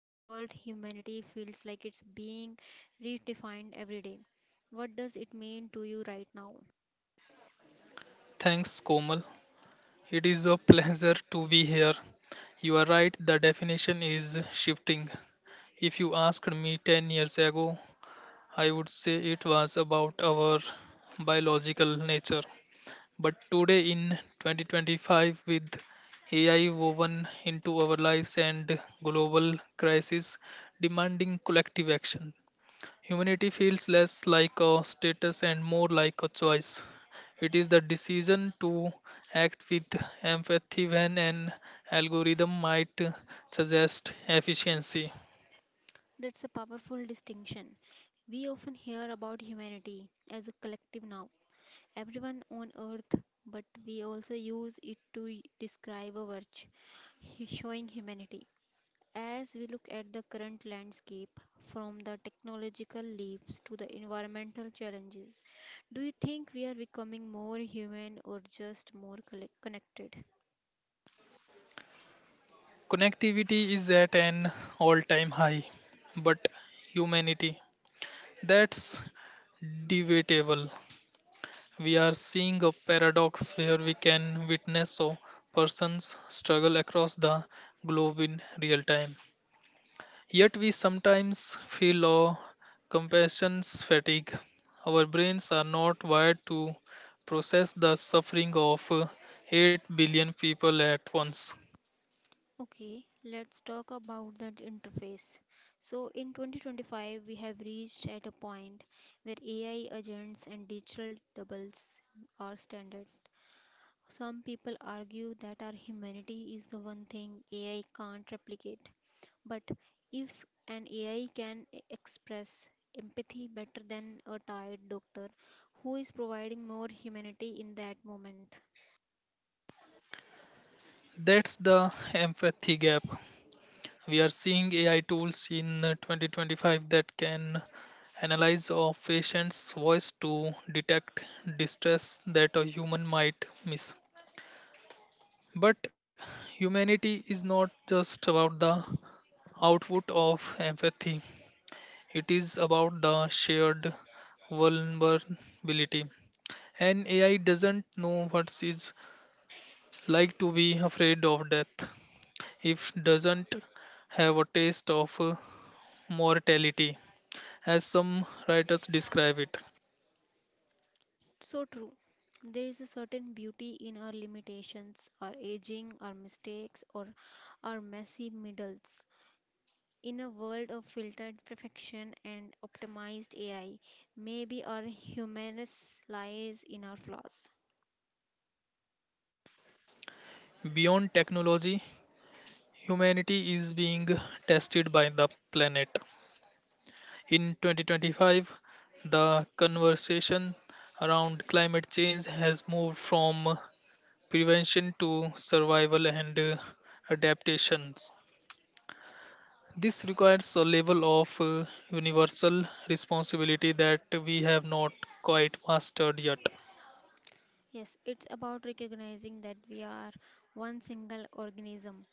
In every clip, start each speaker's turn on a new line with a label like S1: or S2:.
S1: the world humanity feels like it's being redefined every day. What does it mean to you right now?
S2: Thanks, Komal. It is a pleasure to be here. You are right, the definition is shifting. If you asked me 10 years ago, I would say it was about our biological nature. But today, in 2025, with AI woven into our lives and global crisis demanding collective action, humanity feels less like a status and more like a choice. It is the decision to act with empathy when an algorithm might suggest efficiency.
S1: That's a powerful distinction. We often hear about humanity as a collective now, everyone on earth, but we also use it to describe a virtue, showing humanity. As we look at the current landscape, from the technological leaps to the environmental challenges, do you think we are becoming more human or just more connected?
S2: Connectivity is at an all time high, but humanity, that's debatable. We are seeing a paradox where we can witness a person's struggle across the globe in real time. Yet we sometimes feel low compassion's fatigue. Our brains are not wired to process the suffering of 8 billion people at once.
S1: Okay, let's talk about that interface. So in 2025, we have reached at a point where AI agents and digital doubles are standard. Some people argue that our humanity is the one thing AI can't replicate. But if an AI can express empathy better than a tired doctor, who is providing more humanity in that moment?
S2: That's the empathy gap. We are seeing AI tools in 2025 that can analyze a patient's voice to detect distress that a human might miss. But humanity is not just about the output of empathy, it is about the shared vulnerability. An AI doesn't know what it's like to be afraid of death. It doesn't have a taste of mortality, as some writers describe it.
S1: So true. There is a certain beauty in our limitations, our aging, our mistakes, or our messy middles. In a world of filtered perfection and optimized AI, maybe our humanness lies in our flaws.
S2: Beyond technology, humanity is being tested by the planet. In 2025, the conversation around climate change has moved from prevention to survival and adaptations. This requires a level of universal responsibility that we have not quite mastered yet.
S1: Yes, it's about recognizing that we are one single organism.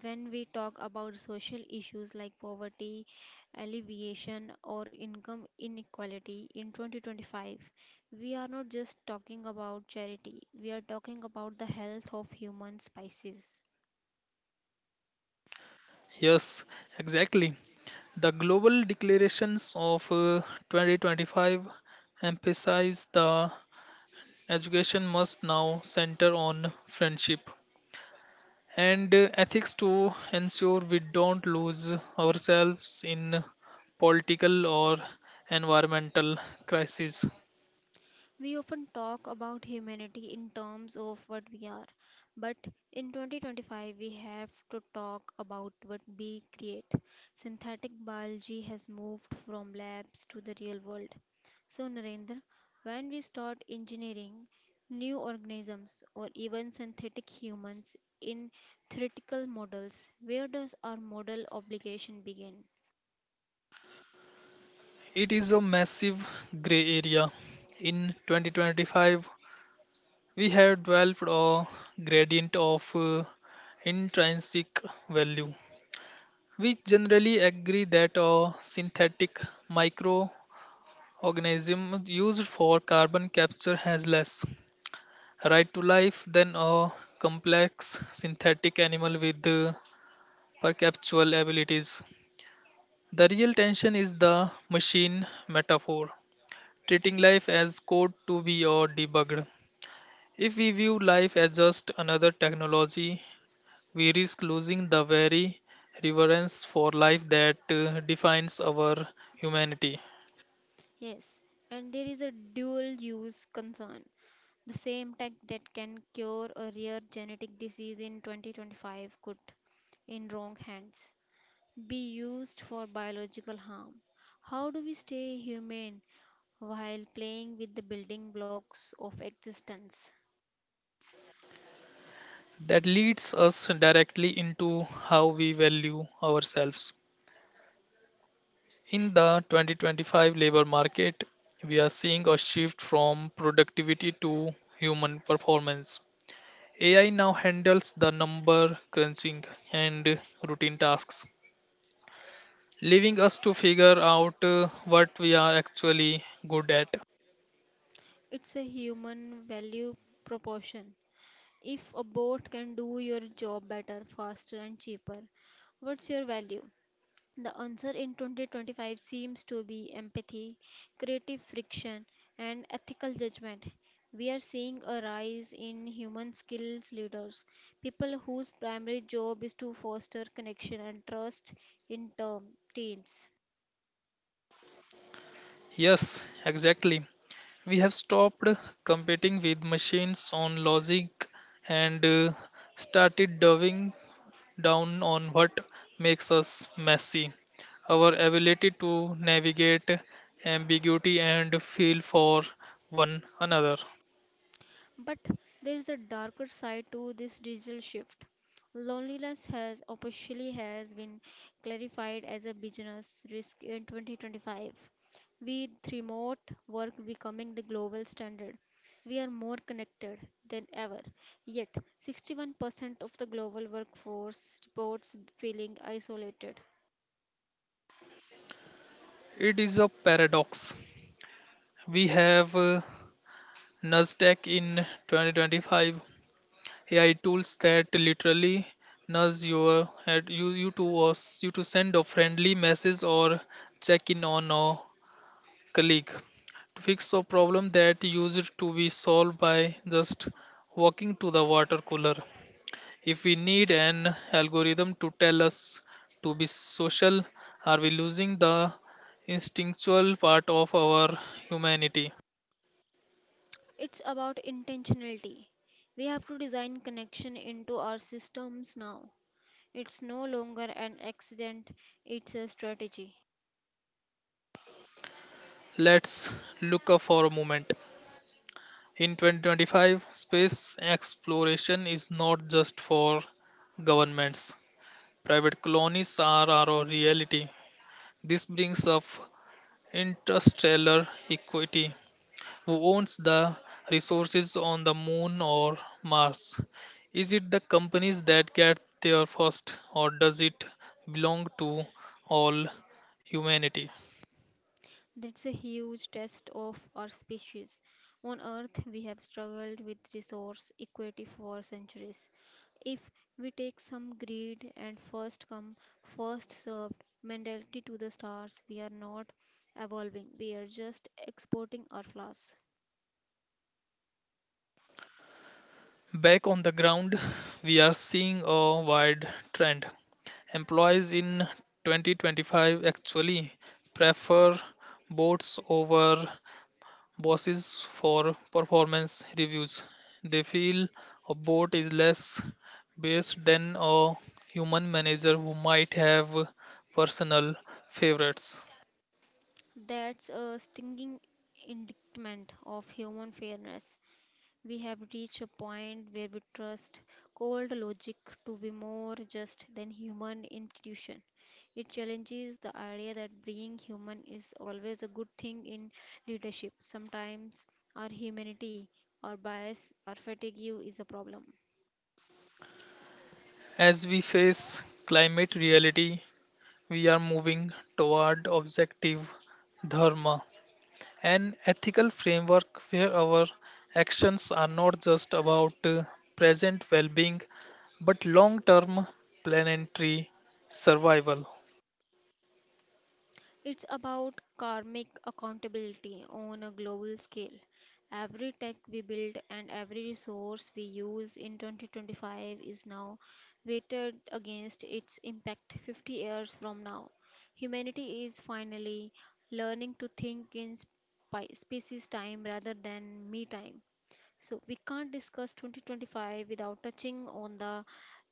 S1: When we talk about social issues like poverty, alleviation, or income inequality in 2025, we are not just talking about charity, we are talking about the health of human species.
S2: Yes, exactly. The global declarations of 2025 emphasize the education must now center on friendship and ethics to ensure we don't lose ourselves in political or environmental crises.
S1: We often talk about humanity in terms of what we are, but in 2025 we have to talk about what we create. Synthetic biology has moved from labs to the real world. So, Narendra, when we start engineering new organisms or even synthetic humans in theoretical models, where does our model obligation begin?
S2: It is a massive gray area. In 2025, we have developed a gradient of intrinsic value. We generally agree that a synthetic microorganism used for carbon capture has less right to life, then a complex synthetic animal with perceptual abilities. The real tension is the machine metaphor, treating life as code to be or debugged. If we view life as just another technology, we risk losing the very reverence for life that defines our humanity.
S1: Yes, and there is a dual use concern. The same tech that can cure a rare genetic disease in 2025 could, in wrong hands, be used for biological harm. How do we stay humane while playing with the building blocks of existence?
S2: That leads us directly into how we value ourselves. In the 2025 labor market, we are seeing a shift from productivity to human performance. AI now handles the number crunching and routine tasks, leaving us to figure out what we are actually good at.
S1: It's a human value proportion. If a bot can do your job better, faster, and cheaper, what's your value? The answer in 2025 seems to be empathy, creative friction, and ethical judgment. We are seeing a rise in human skills leaders, people whose primary job is to foster connection and trust in teams.
S2: Yes, exactly. We have stopped competing with machines on logic and started diving down on what makes us messy, our ability to navigate ambiguity and feel for one another.
S1: But there is a darker side to this digital shift. Loneliness has officially has been clarified as a business risk in 2025. With remote work becoming the global standard, we are more connected than ever. Yet, 61% of the global workforce reports feeling isolated.
S2: It is a paradox. We have Nasdaq in 2025 AI tools that literally nudge your at you you to us you to send a friendly message or check in on a colleague to fix a problem that used to be solved by just walking to the water cooler. If we need an algorithm to tell us to be social, are we losing the instinctual part of our humanity?
S1: It's about intentionality. We have to design connection into our systems now. It's no longer an accident, it's a strategy.
S2: Let's look up for a moment. In 2025, space exploration is not just for governments. Private colonies are our reality. This brings up interstellar equity. Who owns the resources on the moon or Mars? Is it the companies that get there first, or does it belong to all humanity?
S1: That's a huge test of our species. On Earth, we have struggled with resource equity for centuries. If we take some greed and first come, first served mentality to the stars, we are not evolving, we are just exporting our flaws.
S2: Back on the ground, we are seeing a wide trend. Employees in 2025 actually prefer boats over bosses for performance reviews. They feel a bot is less based than a human manager who might have personal favorites.
S1: That's a stinging indictment of human fairness. We have reached a point where we trust cold logic to be more just than human intuition. It challenges the idea that being human is always a good thing in leadership. Sometimes our humanity, our bias, our fatigue is a problem.
S2: As we face climate reality, we are moving toward objective dharma, an ethical framework where our actions are not just about present well being but long term planetary survival.
S1: It's about karmic accountability on a global scale. Every tech we build and every resource we use in 2025 is now weighted against its impact 50 years from now. Humanity is finally learning to think in species time rather than me time. So we can't discuss 2025 without touching on the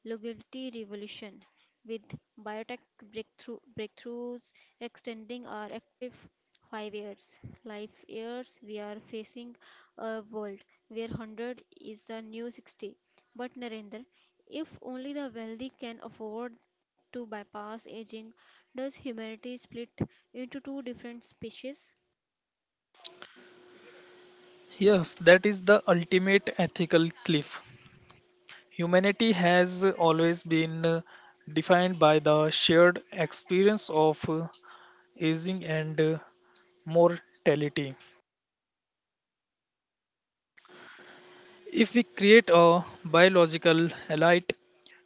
S1: longevity revolution with biotech breakthroughs extending our active five years life years. We are facing a world where 100 is the new 60. But, Narendra, if only the wealthy can afford to bypass aging, does humanity split into two different species?
S2: Yes, that is the ultimate ethical cliff. Humanity has always been defined by the shared experience of aging and mortality. If we create a biological elite,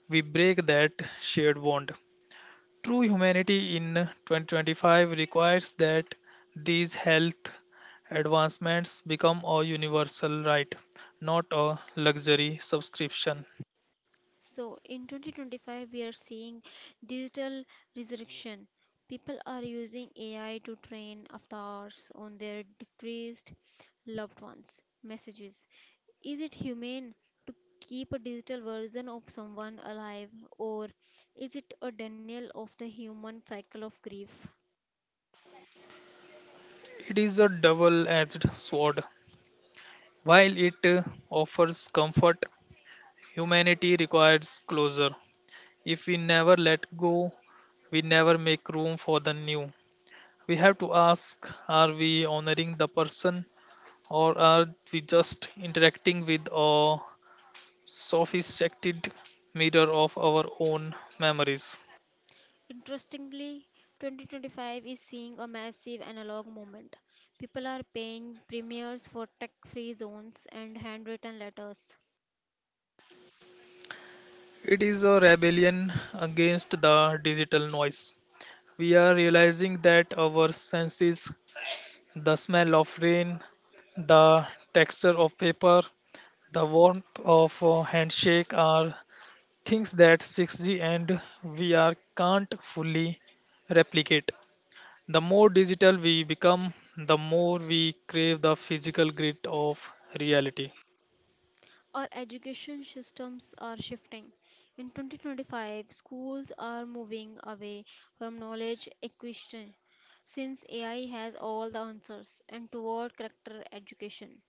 S2: we break that shared bond. True humanity in 2025 requires that these health advancements become a universal right, not a luxury subscription.
S1: So in 2025, we are seeing digital resurrection. People are using AI to train avatars on their decreased loved ones' messages. Is it humane to keep a digital version of someone alive, or is it a denial of the human cycle of grief?
S2: It is a double edged sword. While it offers comfort, humanity requires closure. If we never let go, we never make room for the new. We have to ask, are we honoring the person or are we just interacting with a sophisticated mirror of our own memories?
S1: Interestingly, 2025 is seeing a massive analog movement. People are paying premiums for tech free zones and handwritten letters.
S2: It is a rebellion against the digital noise. We are realizing that our senses, the smell of rain, the texture of paper, the warmth of a handshake, are things that 6G and VR can't fully replicate. The more digital we become, the more we crave the physical grit of reality.
S1: Our education systems are shifting. In 2025, schools are moving away from knowledge acquisition, since AI has all the answers, and toward character education.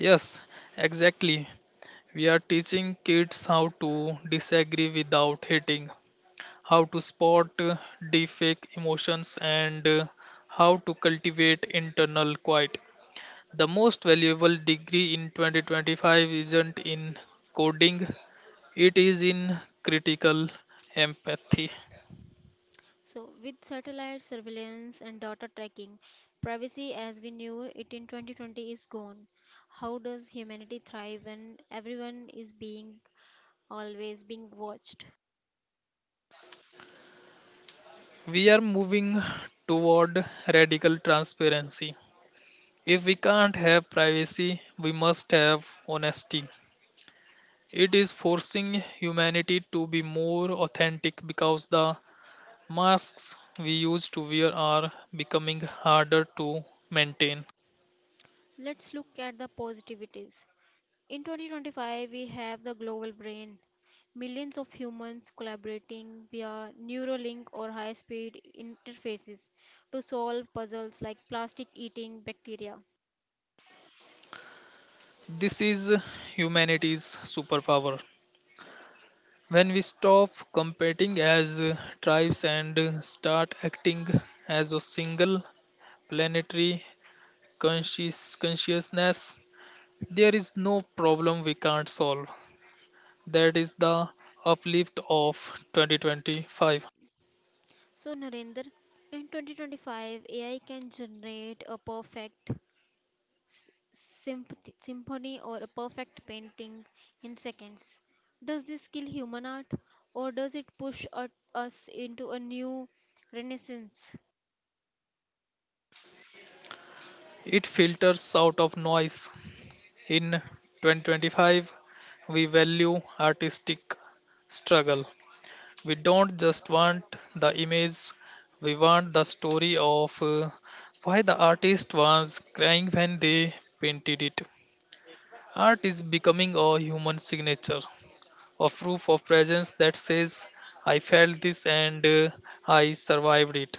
S2: Yes, exactly. We are teaching kids how to disagree without hating, how to spot the fake emotions, and how to cultivate internal quiet. The most valuable degree in 2025 isn't in coding, it is in critical empathy.
S1: So, with satellite surveillance and data tracking, privacy as we knew it in 2020 is gone. How does humanity thrive when everyone is being always being watched?
S2: We are moving toward radical transparency. If we can't have privacy, we must have honesty. It is forcing humanity to be more authentic because the masks we used to wear are becoming harder to maintain.
S1: Let's look at the positivities. In 2025, we have the global brain. Millions of humans collaborating via Neuralink or high speed interfaces to solve puzzles like plastic eating bacteria.
S2: This is humanity's superpower. When we stop competing as tribes and start acting as a single planetary conscious consciousness, there is no problem we can't solve. That is the uplift of 2025.
S1: So, Narendra, in 2025, AI can generate a perfect symphony or a perfect painting in seconds. Does this kill human art or does it push us into a new renaissance?
S2: It filters out of noise. In 2025, we value artistic struggle. We don't just want the image, we want the story of why the artist was crying when they painted it. Art is becoming a human signature, a proof of presence that says, I felt this and I survived it.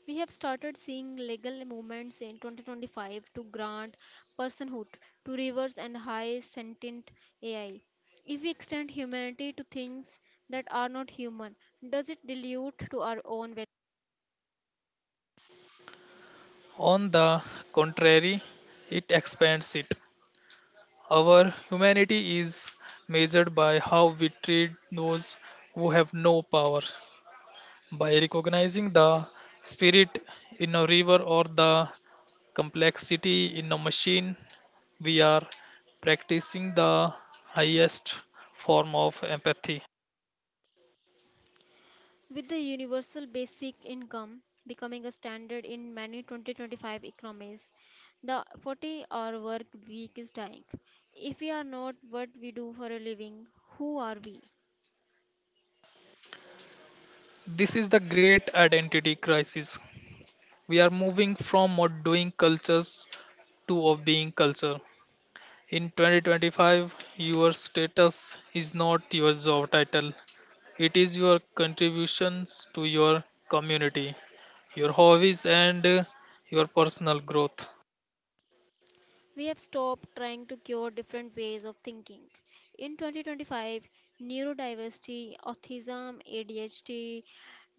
S1: We have started seeing legal movements in 2025 to grant personhood to rivers and high sentient AI. If we extend humanity to things that are not human, does it dilute to our own value?
S2: On the contrary, it expands it. Our humanity is measured by how we treat those who have no power. By recognizing the spirit in a river or the complexity in a machine, we are practicing the highest form of empathy.
S1: With the universal basic income becoming a standard in many 2025 economies, the 40-hour work week is dying. If we are not what we do for a living, who are we?
S2: This is the great identity crisis. We are moving from a doing cultures to a being culture. In 2025, your status is not your job title. It is your contributions to your community, your hobbies, and your personal growth.
S1: We have stopped trying to cure different ways of thinking. In 2025, neurodiversity, autism, ADHD,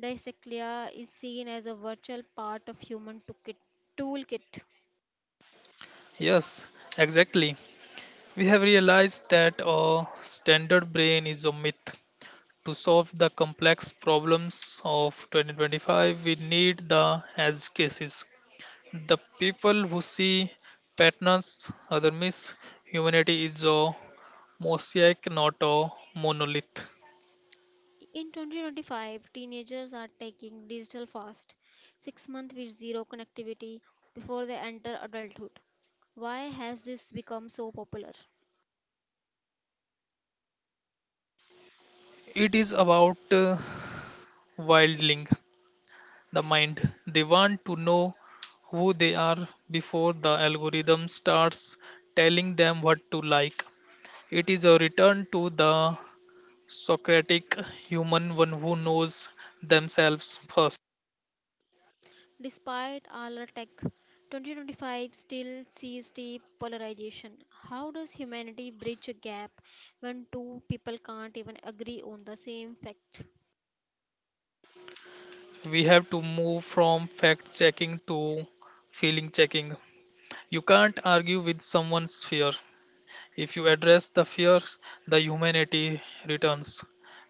S1: dyslexia is seen as a virtual part of human toolkit.
S2: Yes, exactly. We have realized that a standard brain is a myth. To solve the complex problems of 2025, we need the edge cases. The people who see patterns other miss. Humanity is a mosaic, not a monolith.
S1: In 2025, teenagers are taking digital fast, 6 months with zero connectivity before they enter adulthood. Why has this become so popular?
S2: It is about wildling the mind. They want to know who they are before the algorithm starts telling them what to like. It is a return to the Socratic human, one who knows themselves first.
S1: Despite all our tech, 2025 still sees deep polarization. How does humanity bridge a gap when two people can't even agree on the same fact?
S2: We have to move from fact checking to feeling checking. You can't argue with someone's fear. If you address the fear, the humanity returns.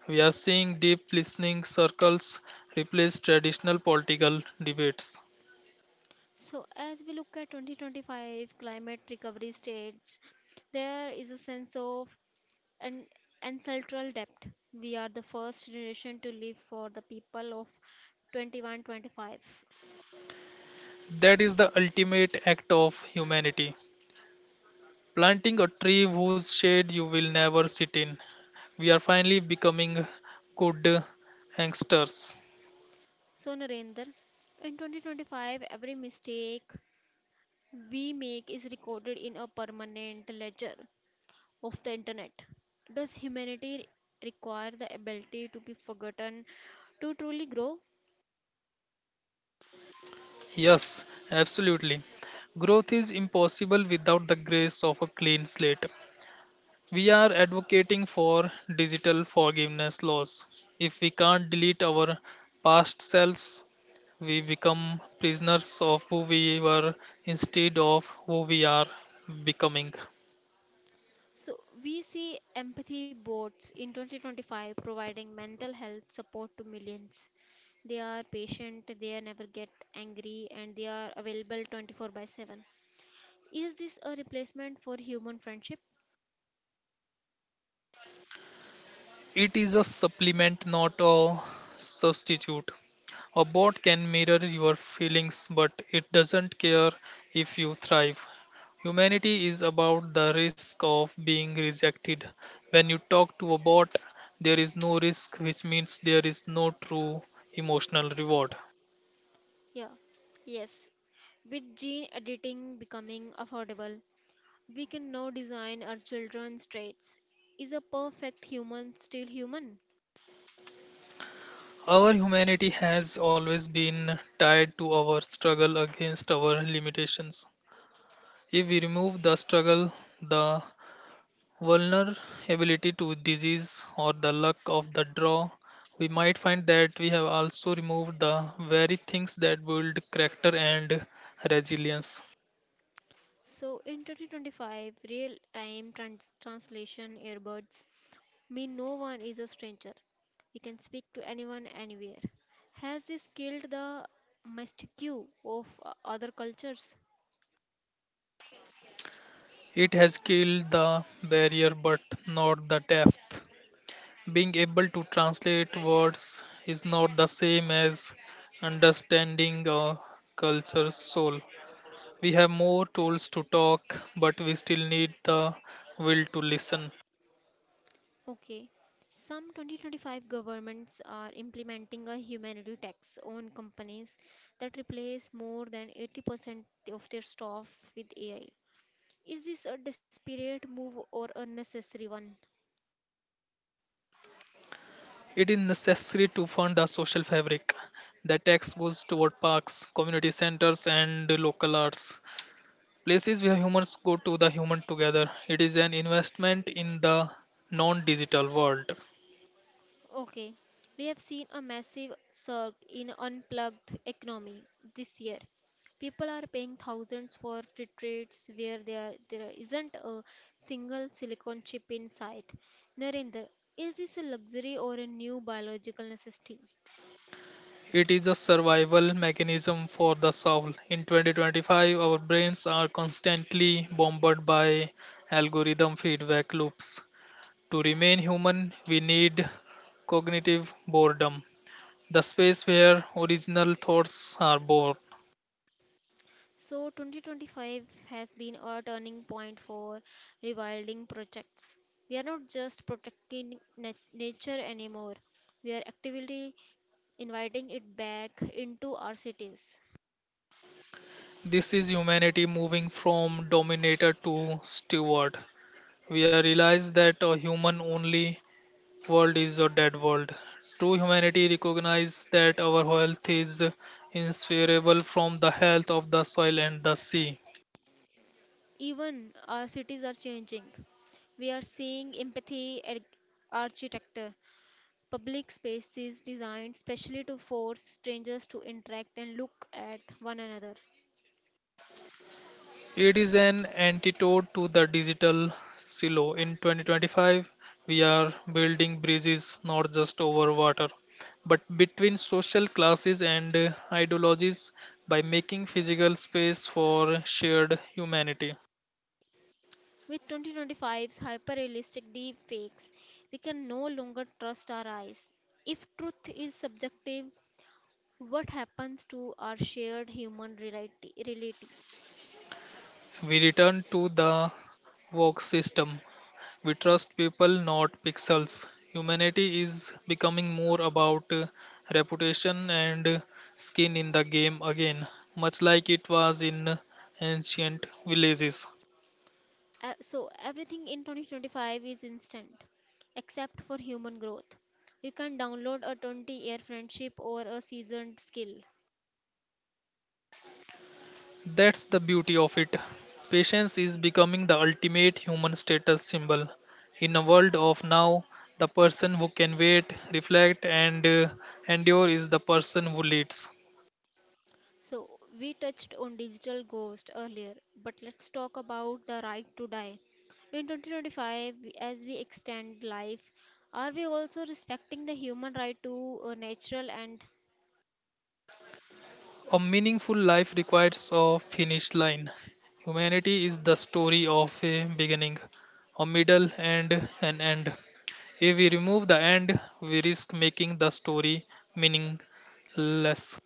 S2: We are seeing deep listening circles replace traditional political debates.
S1: So, as we look at 2025 climate recovery states, there is a sense of an ancestral depth. We are the first generation to live for the people of 2125.
S2: That is the ultimate act of humanity. Planting a tree whose shade you will never sit in. We are finally becoming good hangsters.
S1: So, Narendra, in 2025, every mistake we make is recorded in a permanent ledger of the internet. Does humanity require the ability to be forgotten to truly grow?
S2: Yes, absolutely. Growth is impossible without the grace of a clean slate. We are advocating for digital forgiveness laws. If we can't delete our past selves, we become prisoners of who we were instead of who we are becoming.
S1: So, we see empathy bots in 2025 providing mental health support to millions. They are patient, they never get angry, and they are available 24 by 7. Is this a replacement for human friendship?
S2: It is a supplement, not a substitute. A bot can mirror your feelings, but it doesn't care if you thrive. Humanity is about the risk of being rejected. When you talk to a bot, there is no risk, which means there is no true emotional reward.
S1: Yeah, yes. With gene editing becoming affordable, we can now design our children's traits. Is a perfect human still human?
S2: Our humanity has always been tied to our struggle against our limitations. If we remove the struggle, the vulnerability to disease or the luck of the draw, we might find that we have also removed the very things that build character and resilience.
S1: So, in 2025, real time translation earbuds mean no one is a stranger. We can speak to anyone, anywhere. Has this killed the mystique of other cultures?
S2: It has killed the barrier but not the depth. Being able to translate words is not the same as understanding a culture's soul. We have more tools to talk, but we still need the will to listen.
S1: Okay. Some 2025 governments are implementing a humanity tax on companies that replace more than 80% of their staff with AI. Is this a desperate move or a necessary one?
S2: It is necessary to fund the social fabric. The tax goes toward parks, community centers, and local arts, places where humans go to the human together. It is an investment in the non digital world.
S1: Okay, we have seen a massive surge in unplugged economy this year. People are paying thousands for retreats where there isn't a single silicon chip in sight. Narendra, is this a luxury or a new biological necessity?
S2: It is a survival mechanism for the soul. In 2025, our brains are constantly bombarded by algorithm feedback loops. To remain human, we need cognitive boredom, the space where original thoughts are born.
S1: So 2025 has been a turning point for rewilding projects. We are not just protecting nature anymore. We are actively inviting it back into our cities.
S2: This is humanity moving from dominator to steward. We are realized that a human only world is a dead world. True humanity recognizes that our health is inseparable from the health of the soil and the sea.
S1: Even our cities are changing. We are seeing empathy architecture, public spaces designed specially to force strangers to interact and look at one another.
S2: It is an antidote to the digital silo. In 2025, we are building bridges not just over water, but between social classes and ideologies by making physical space for shared humanity.
S1: With 2025's hyper realistic deep fakes, we can no longer trust our eyes. If truth is subjective, what happens to our shared human reality?
S2: We return to the work system. We trust people, not pixels. Humanity is becoming more about reputation and skin in the game again, much like it was in ancient villages.
S1: So, everything in 2025 is instant, except for human growth. You can download a 20-year friendship or a seasoned skill.
S2: That's the beauty of it. Patience is becoming the ultimate human status symbol. In a world of now, the person who can wait, reflect, and endure is the person who leads.
S1: So, we touched on digital ghost earlier, but let's talk about the right to die. In 2025, as we extend life, are we also respecting the human right to natural. And
S2: A meaningful life requires a finish line. Humanity is the story of a beginning, a middle, and an end. If we remove the end, we risk making the story meaningless.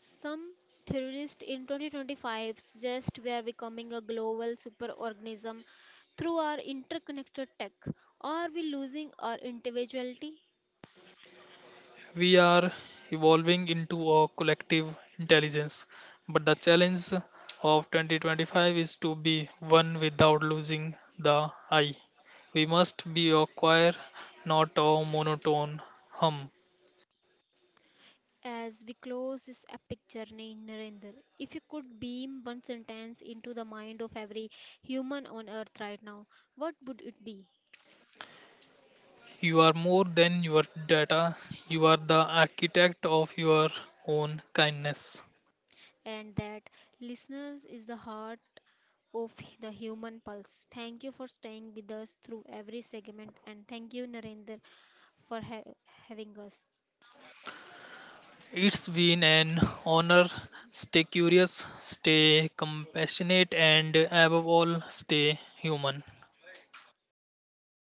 S1: some theorists in 2025 suggest we are becoming a global superorganism through our interconnected tech. Are we losing our individuality?
S2: We are evolving into a collective intelligence, but the challenge of 2025 is to be one without losing the I. We must be a choir, not a monotone hum.
S1: As we close this epic journey, Narendra, if you could beam one sentence into the mind of every human on earth right now, what would it be?
S2: You are more than your data, you are the architect of your own kindness.
S1: And that, listeners, is the heart of the human pulse. Thank you for staying with us through every segment, and thank you, Narendra, for having us.
S2: It's been an honor. Stay curious, stay compassionate, and above all, stay human.